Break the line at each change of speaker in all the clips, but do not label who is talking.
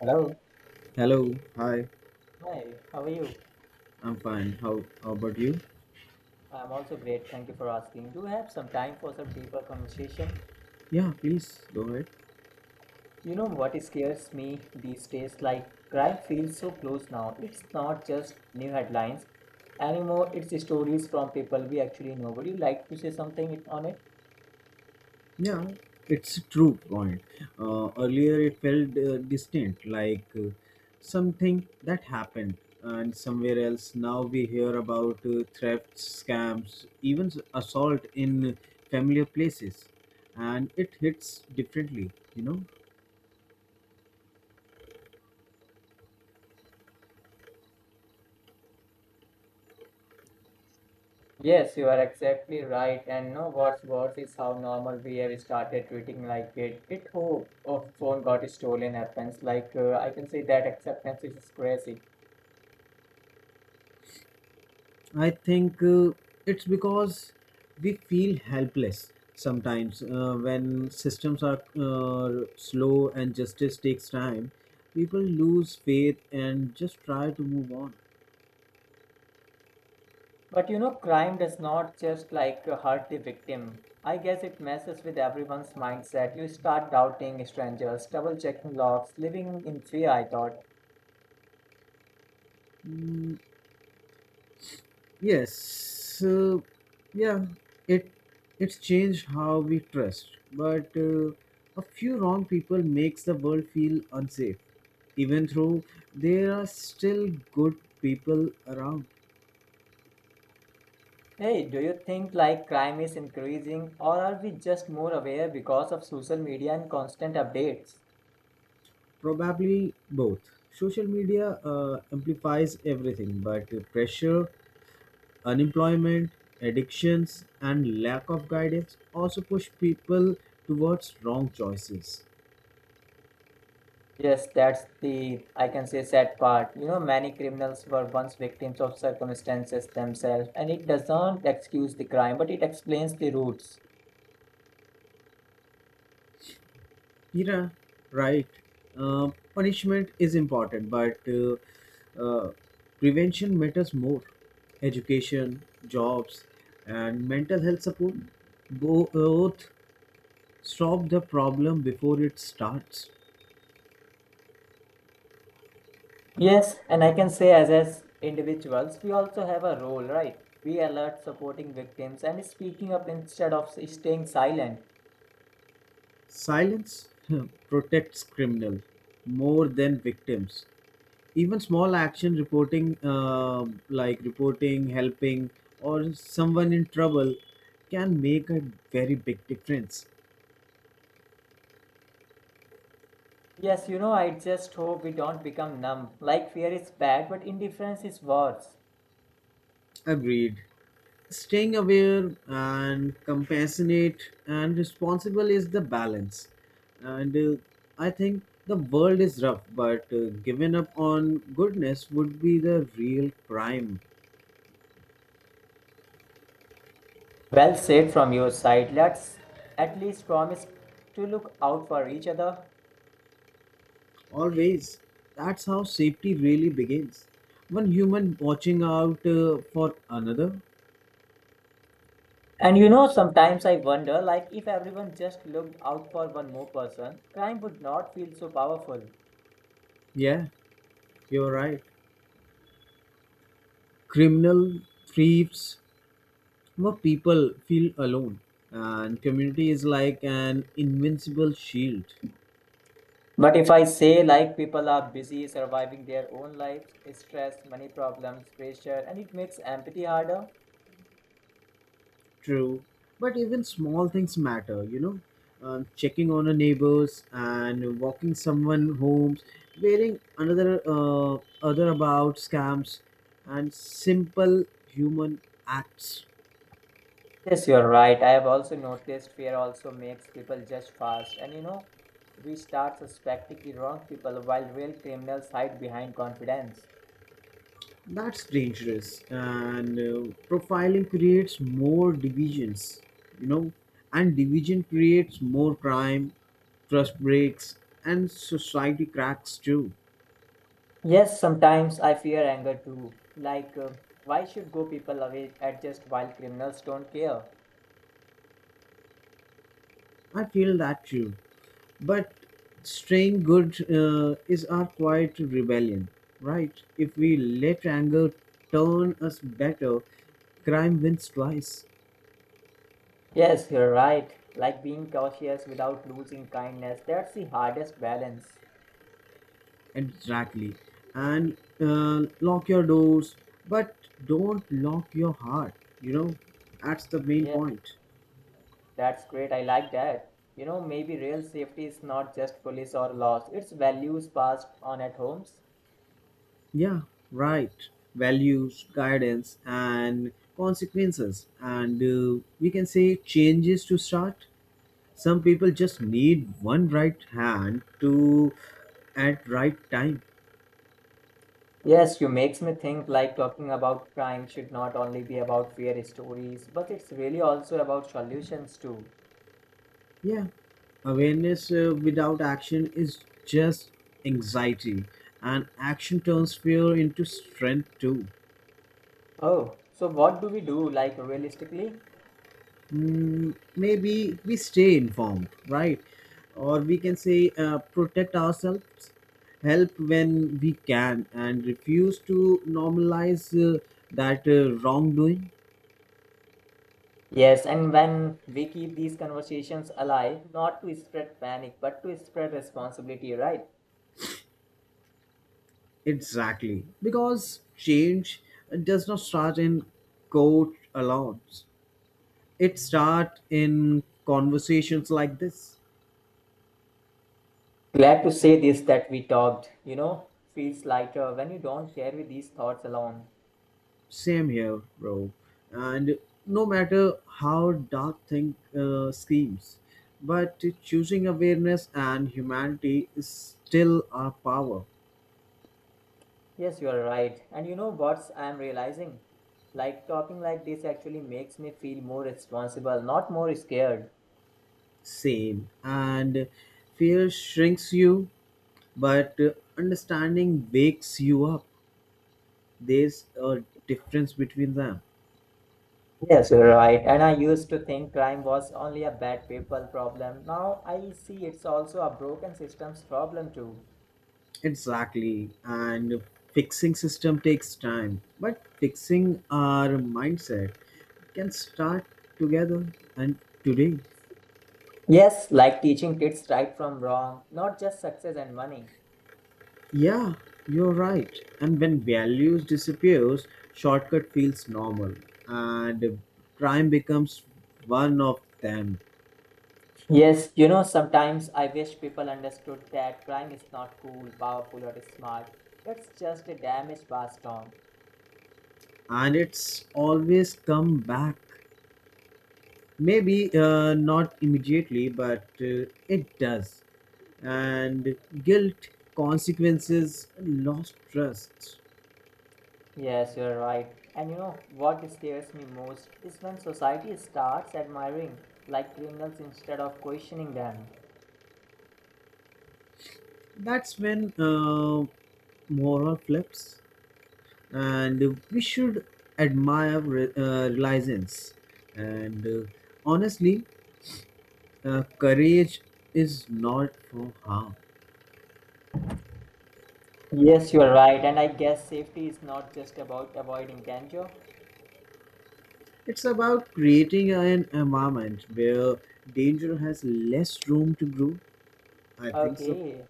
Hello.
Hello, hi,
Hi, how are you?
I'm fine. How about you?
I'm also great. Thank you for asking. Do we have some time for some deeper conversation?
Yeah, please go ahead.
You know what scares me these days? Like crime feels so close now. It's not just new headlines anymore. It's stories from people we actually know. Would you like to say something on it?
Yeah, it's a true point. Earlier it felt distant, like something that happened and somewhere else. Now we hear about thefts, scams, assault in familiar places, and it hits differently, you know.
Yes, you are exactly right. And no, what's worse is how normal we have started treating like it. It who oh, phone got stolen happens. Like I can say that acceptance is crazy.
I think it's because we feel helpless sometimes when systems are slow and justice takes time. People lose faith and just try to move on.
But you know, crime does not just like hurt the victim. I guess it messes with everyone's mindset. You start doubting strangers, double checking logs, living in fear. I thought,
Yes, yeah, it it's changed how we trust, but a few wrong people makes the world feel unsafe, even though there are still good people around.
hey, do you think like crime is increasing or are we just more aware because of social media and constant updates?
Probably both. Social media amplifies everything, but pressure, unemployment, addictions, and lack of guidance also push people towards wrong choices.
Yes, that's the, I can say, sad part. You know, many criminals were once victims of circumstances themselves, and it doesn't excuse the crime, but it explains the roots.
Yeah, right. Punishment is important, but uh, prevention matters more. Education, jobs, and mental health support both stop the problem before it starts.
Yes, and I can say as individuals, we also have a role, right? We alert supporting victims and speaking up instead of staying silent.
Silence protects criminals more than victims. Even small action reporting, reporting, helping, or someone in trouble, can make a very big difference.
Yes, you know, I just hope we don't become numb. Like fear is bad, but indifference is worse.
Agreed. Staying aware and compassionate and responsible is the balance. And I think the world is rough, but giving up on goodness would be the real crime.
Well said from your side. Let's at least promise to look out for each other.
Always. That's how safety really begins. One human watching out for another.
And you know, sometimes I wonder, like if everyone just looked out for one more person, crime would not feel so powerful.
Yeah, you're right. Criminal, thieves, more people feel alone. And community is like an invincible shield.
But if I say like people are busy surviving their own lives, stress, money problems, pressure, and it makes empathy harder.
True. But even small things matter, you know. Checking on a neighbors and walking someone homes, wearing another other about scams and simple human acts.
Yes, you're right. I have also noticed fear also makes people judge fast. And you know, we start suspecting the wrong people while real criminals hide behind confidence.
That's dangerous, and profiling creates more divisions, you know, and division creates more crime, trust breaks, and society cracks too.
Yes, sometimes I fear anger too. Like, why should go people away at just while criminals don't care?
I feel that too. But staying good is our quiet rebellion, right? If we let anger turn us better, crime wins twice.
Yes, you're right. Like being cautious without losing kindness, that's the hardest balance.
Exactly. And lock your doors, but don't lock your heart. You know, that's the main
Yeah.
point.
That's great. I like that. You know, maybe real safety is not just police or laws, it's values passed on at homes.
Yeah, right. Values, guidance, and consequences. And we can say changes to start. Some people just need one right hand to at right time.
Yes, you makes me think like talking about crime should not only be about fear stories, but it's really also about solutions too.
Yeah, awareness without action is just anxiety, and action turns fear into strength too.
Oh, so what do we do like realistically?
Mm, maybe we stay informed, right? Or we can say protect ourselves, help when we can, and refuse to normalize that wrongdoing.
Yes, and when we keep these conversations alive, not to spread panic, but to spread responsibility, right?
Exactly. Because change does not start in court alone, it starts in conversations like this.
Glad to say this that we talked, you know, feels lighter when you don't carry these thoughts alone.
Same here, bro. And no matter how dark thing schemes, but choosing awareness and humanity is still our power.
Yes, you are right. And you know what I'm realizing? Like talking like this actually makes me feel more responsible, not more scared.
Same. And fear shrinks you, but understanding wakes you up. There's a difference between them.
Yes, you're right. And I used to think crime was only a bad people problem. Now I see it's also a broken systems problem too.
Exactly. And fixing system takes time, but fixing our mindset can start together and today.
Yes, like teaching kids right from wrong, not just success and money.
Yeah, you're right. And when values disappears, shortcut feels normal and crime becomes one of them.
Yes, you know, sometimes I wish people understood that crime is not cool, powerful, or smart. It's just a damage passed on.
And it's always come back. Maybe not immediately, but it does. And guilt, consequences, lost trust.
Yes, you're right. And you know what scares me most is when society starts admiring like criminals instead of questioning them.
That's when moral flips. And we should admire resilience. And honestly, courage is not for harm.
Yes, you're right. And I guess safety is not just about avoiding danger.
It's about creating an environment where danger has less room to grow. I think so,
Okay.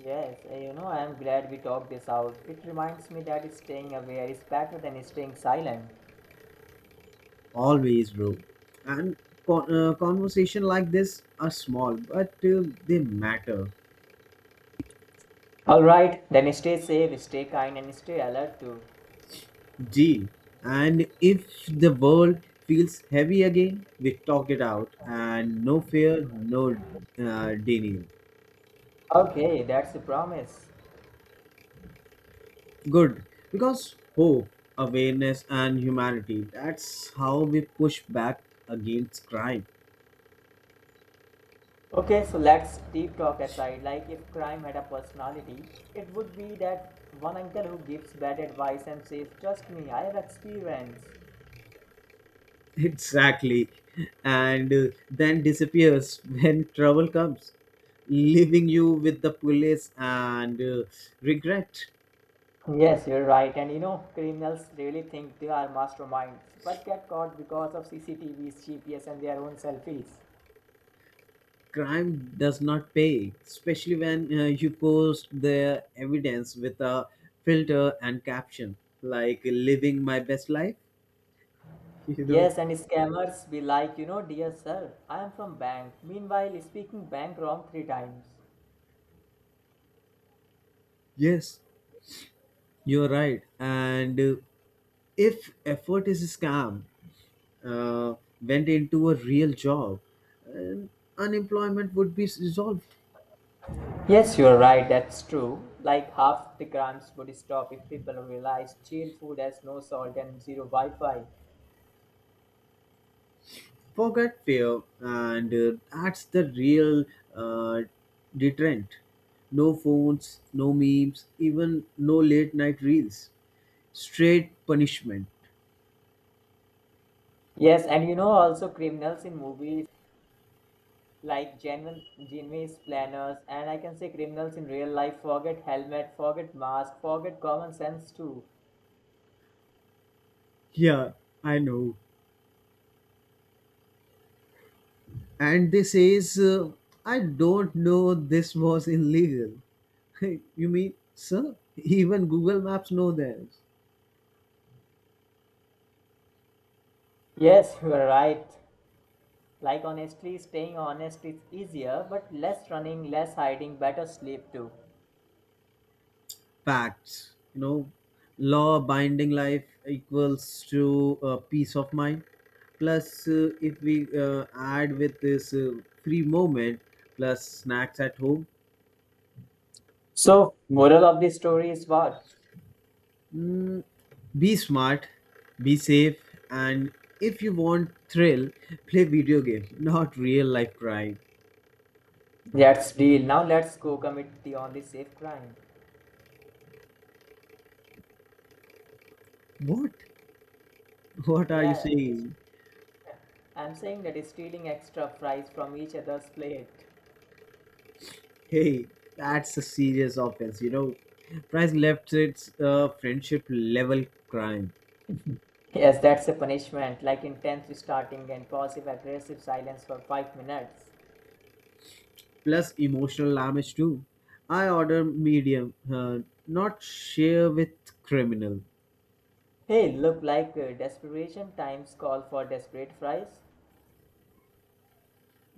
Yes, eh, you know, I am glad we talked this out. It reminds me that staying aware is better than staying silent.
always, bro. And conversation like this are small, but they matter.
All right, then stay safe, stay kind, and stay alert too.
D. And if the world feels heavy again, we talk it out and no fear, no denial.
Okay, that's a promise.
Good. Because hope, awareness, and humanity, that's how we push back against crime.
Okay, so let's deep talk aside. Like, if crime had a personality, it would be that one uncle who gives bad advice and says, Trust me, I have experience.
Exactly. And then disappears when trouble comes, leaving you with the police and regret.
Yes, you're right. And you know, criminals really think they are masterminds, but get caught because of CCTVs, GPS, and their own selfies.
Crime does not pay, especially when you post the evidence with a filter and caption like living my best life. You know,
Yes, and scammers be like, you know, dear sir, I am from bank. Meanwhile, speaking bank wrong three times.
yes, you're right. And if effort is a scam, uh, went into a real job, uh, unemployment would be resolved.
Yes, you are right, that's true. Like half the crimes would stop if people realize jail food has no salt and zero Wi Fi.
Forget fear, and that's the real uh, deterrent. No phones, no memes, even no late night reels, straight punishment.
Yes, and you know, also criminals in movies like genuine planners, and I can say criminals in real life forget helmet, forget mask, forget common sense too.
Yeah, I know. And this is I don't know this was illegal. You mean sir even google maps know this.
Yes, you are right. Like, honestly, staying honest is easier, but less running, less hiding, better sleep too.
Facts, you know. Law binding life equals to peace of mind, plus if we add with this free moment plus snacks at home.
So, moral of the story is what?
Mm, be smart, be safe, and if you want thrill, play video games, not real life crime.
That's deal. Now let's go commit the only safe crime.
What? What are you
Yeah,
saying?
I'm saying that is stealing extra fries from each other's plate.
Hey, that's a serious offense, you know. Price left, it's a friendship level crime.
Yes, that's a punishment, like intense starting and passive aggressive silence for 5 minutes.
Plus emotional damage too. I order medium, not share with criminal.
Hey, look like desperation times call for desperate fries.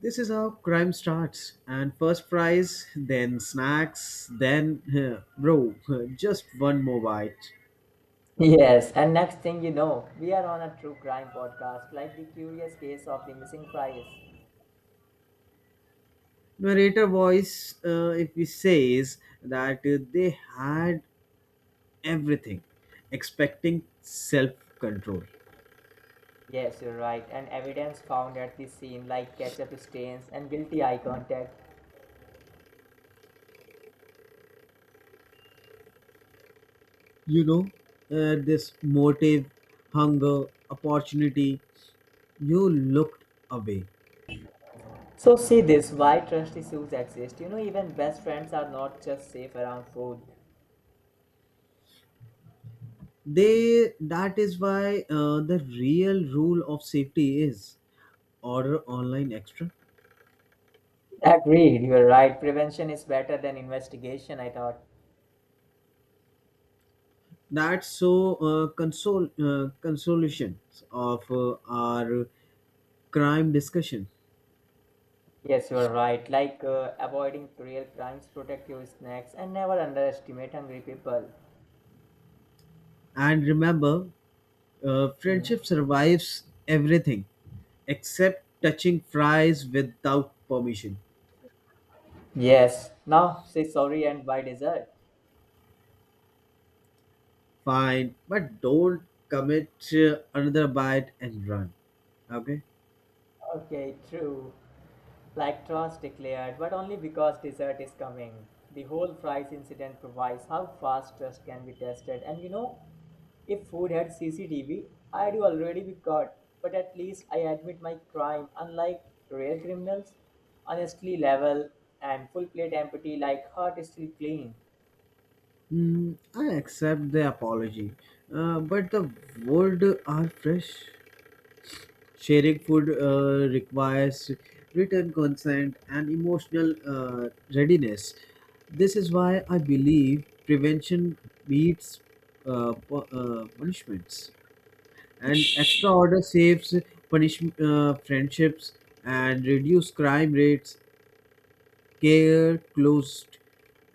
This is how crime starts. And first fries, then snacks, then bro, just one more bite.
Yes, and next thing you know, we are on a true crime podcast, like the curious case of the missing fries.
Narrator voice, if he says that they had everything, expecting self control.
Yes, you're right, and evidence found at the scene, like ketchup stains and guilty eye contact.
You know, this motive, hunger, opportunity, you looked away.
So see this why trust issues exist. You know, even best friends are not just safe around food.
They, that is why the real rule of safety is order online extra.
Agreed, you are right. Prevention is better than investigation, I thought.
That's so console consolation of our crime discussion.
Yes, you are right. Like avoiding real crimes, protect your snacks, and never underestimate hungry people.
And remember,
Hmm.
friendship survives everything except touching fries without permission.
Yes. Now say sorry and buy dessert.
Fine, but don't commit another bite and run, okay.
Okay, true. Like trust declared, but only because dessert is coming. The whole fries incident provides how fast trust can be tested. And you know, if food had CCTV, I'd already be caught. But at least I admit my crime, unlike real criminals. Honestly, level and full plate empty like heart is still clean.
Mm, I accept the apology, but the world are fresh. Sharing food requires written consent and emotional readiness. This is why I believe prevention beats punishments, and extra order saves punish friendships and reduce crime rates. Care closed,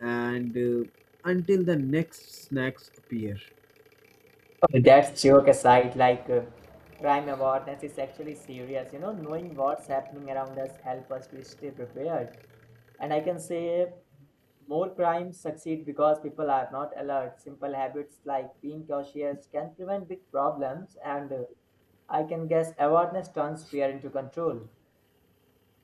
and until the next snacks appear.
Oh, that's joke aside, like crime awareness is actually serious. You know, knowing what's happening around us help us to stay prepared. And I can say more crimes succeed because people are not alert. Simple habits like being cautious can prevent big problems, and I can guess awareness turns fear into control.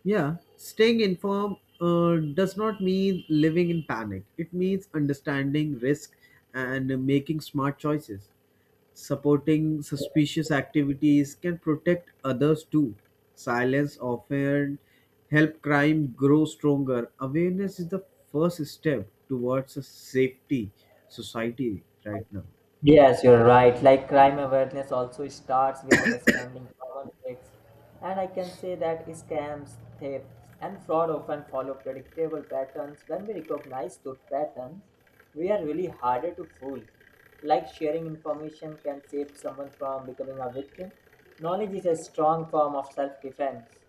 Yeah, staying informed does not mean living in panic. It means understanding risk and making smart choices. Supporting suspicious activities can protect others too. Silence often help crime grow stronger. Awareness is the first step towards a safety society right now.
Yes, you're right. Like crime awareness also starts with understanding common risks. And I can say that scams, thefts, and fraud often follow predictable patterns. When we recognize those patterns, we are really harder to fool. Like sharing information can save someone from becoming a victim. Knowledge is a strong form of self defense.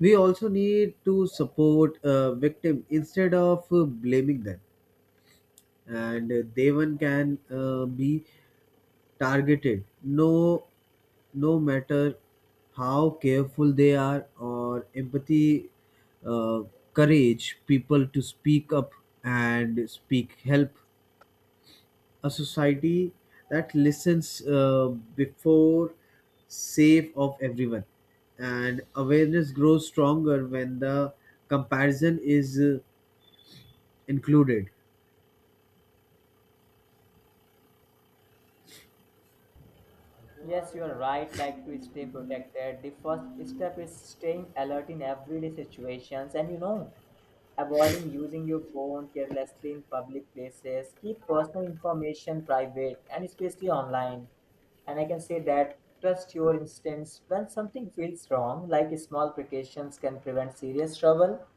We also need to support victim instead of blaming them, and Devan can be targeted, no matter how careful they are, or empathy, uh, courage people to speak up and speak help a society that listens before safe of everyone, and awareness grows stronger when the comparison is included.
Yes, you are right. Like to stay protected, the first step is staying alert in everyday situations. And you know, avoiding using your phone carelessly in public places, keep personal information private and especially online. And I can say that trust your instincts when something feels wrong, like small precautions can prevent serious trouble.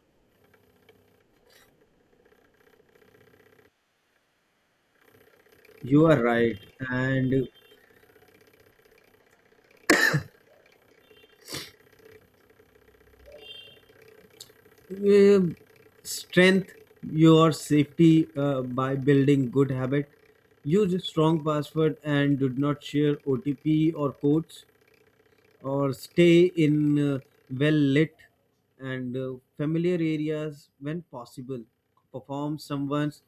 You are right, and uh, strength your safety by building good habit. Use a strong password and do not share OTP or codes, or stay in well lit and familiar areas when possible. Perform someone's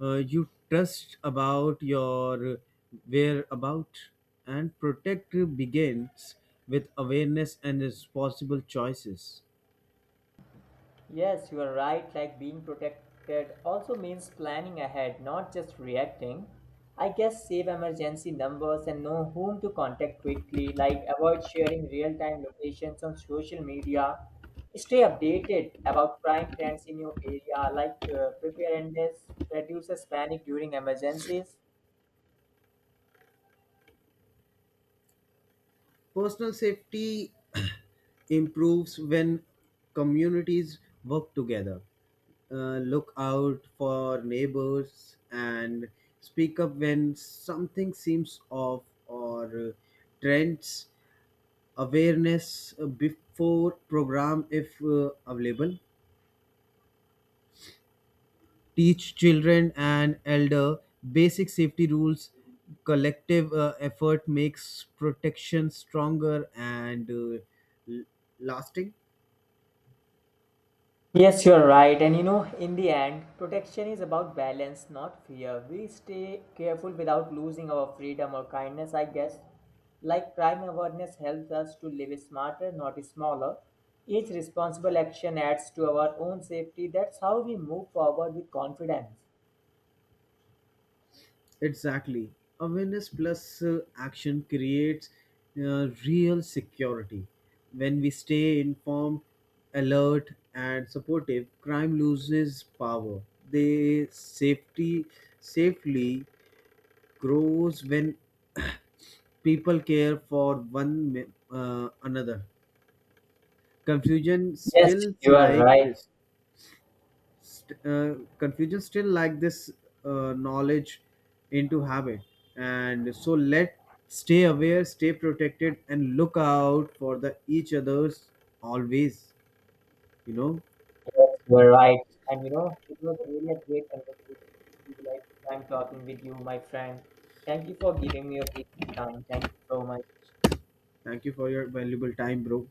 you trust about your whereabout, and protect begins with awareness and responsible choices.
Yes, you are right. Like being protected also means planning ahead, not just reacting. I guess save emergency numbers and know whom to contact quickly, like avoid sharing real time locations on social media. Stay updated about crime trends in your area, like preparedness reduces panic during emergencies.
Personal safety improves when communities work together, look out for neighbors, and speak up when something seems off, or trends awareness before program if available. Teach children and elder basic safety rules. Collective effort makes protection stronger and l- lasting.
Yes, you're right. And you know, in the end, protection is about balance, not fear. We stay careful without losing our freedom or kindness, I guess. Like crime awareness helps us to live smarter, not smaller. Each responsible action adds to our own safety. That's how we move forward with confidence.
Exactly. Awareness plus action creates real security. When we stay informed, alert, and supportive, crime loses power. The safety safely grows when people care for one another. Confusion
Yes,
stills
you are
like
right.
this Confusion still like this, knowledge into habit, and so let stay aware, stay protected, and look out for the each others always, you know.
Yes, you are right. And you know, it was really a great conversation with you. Like I'm talking with you, my friend. Thank you for giving me your precious time. Thank you so much.
Thank you for your valuable time, bro.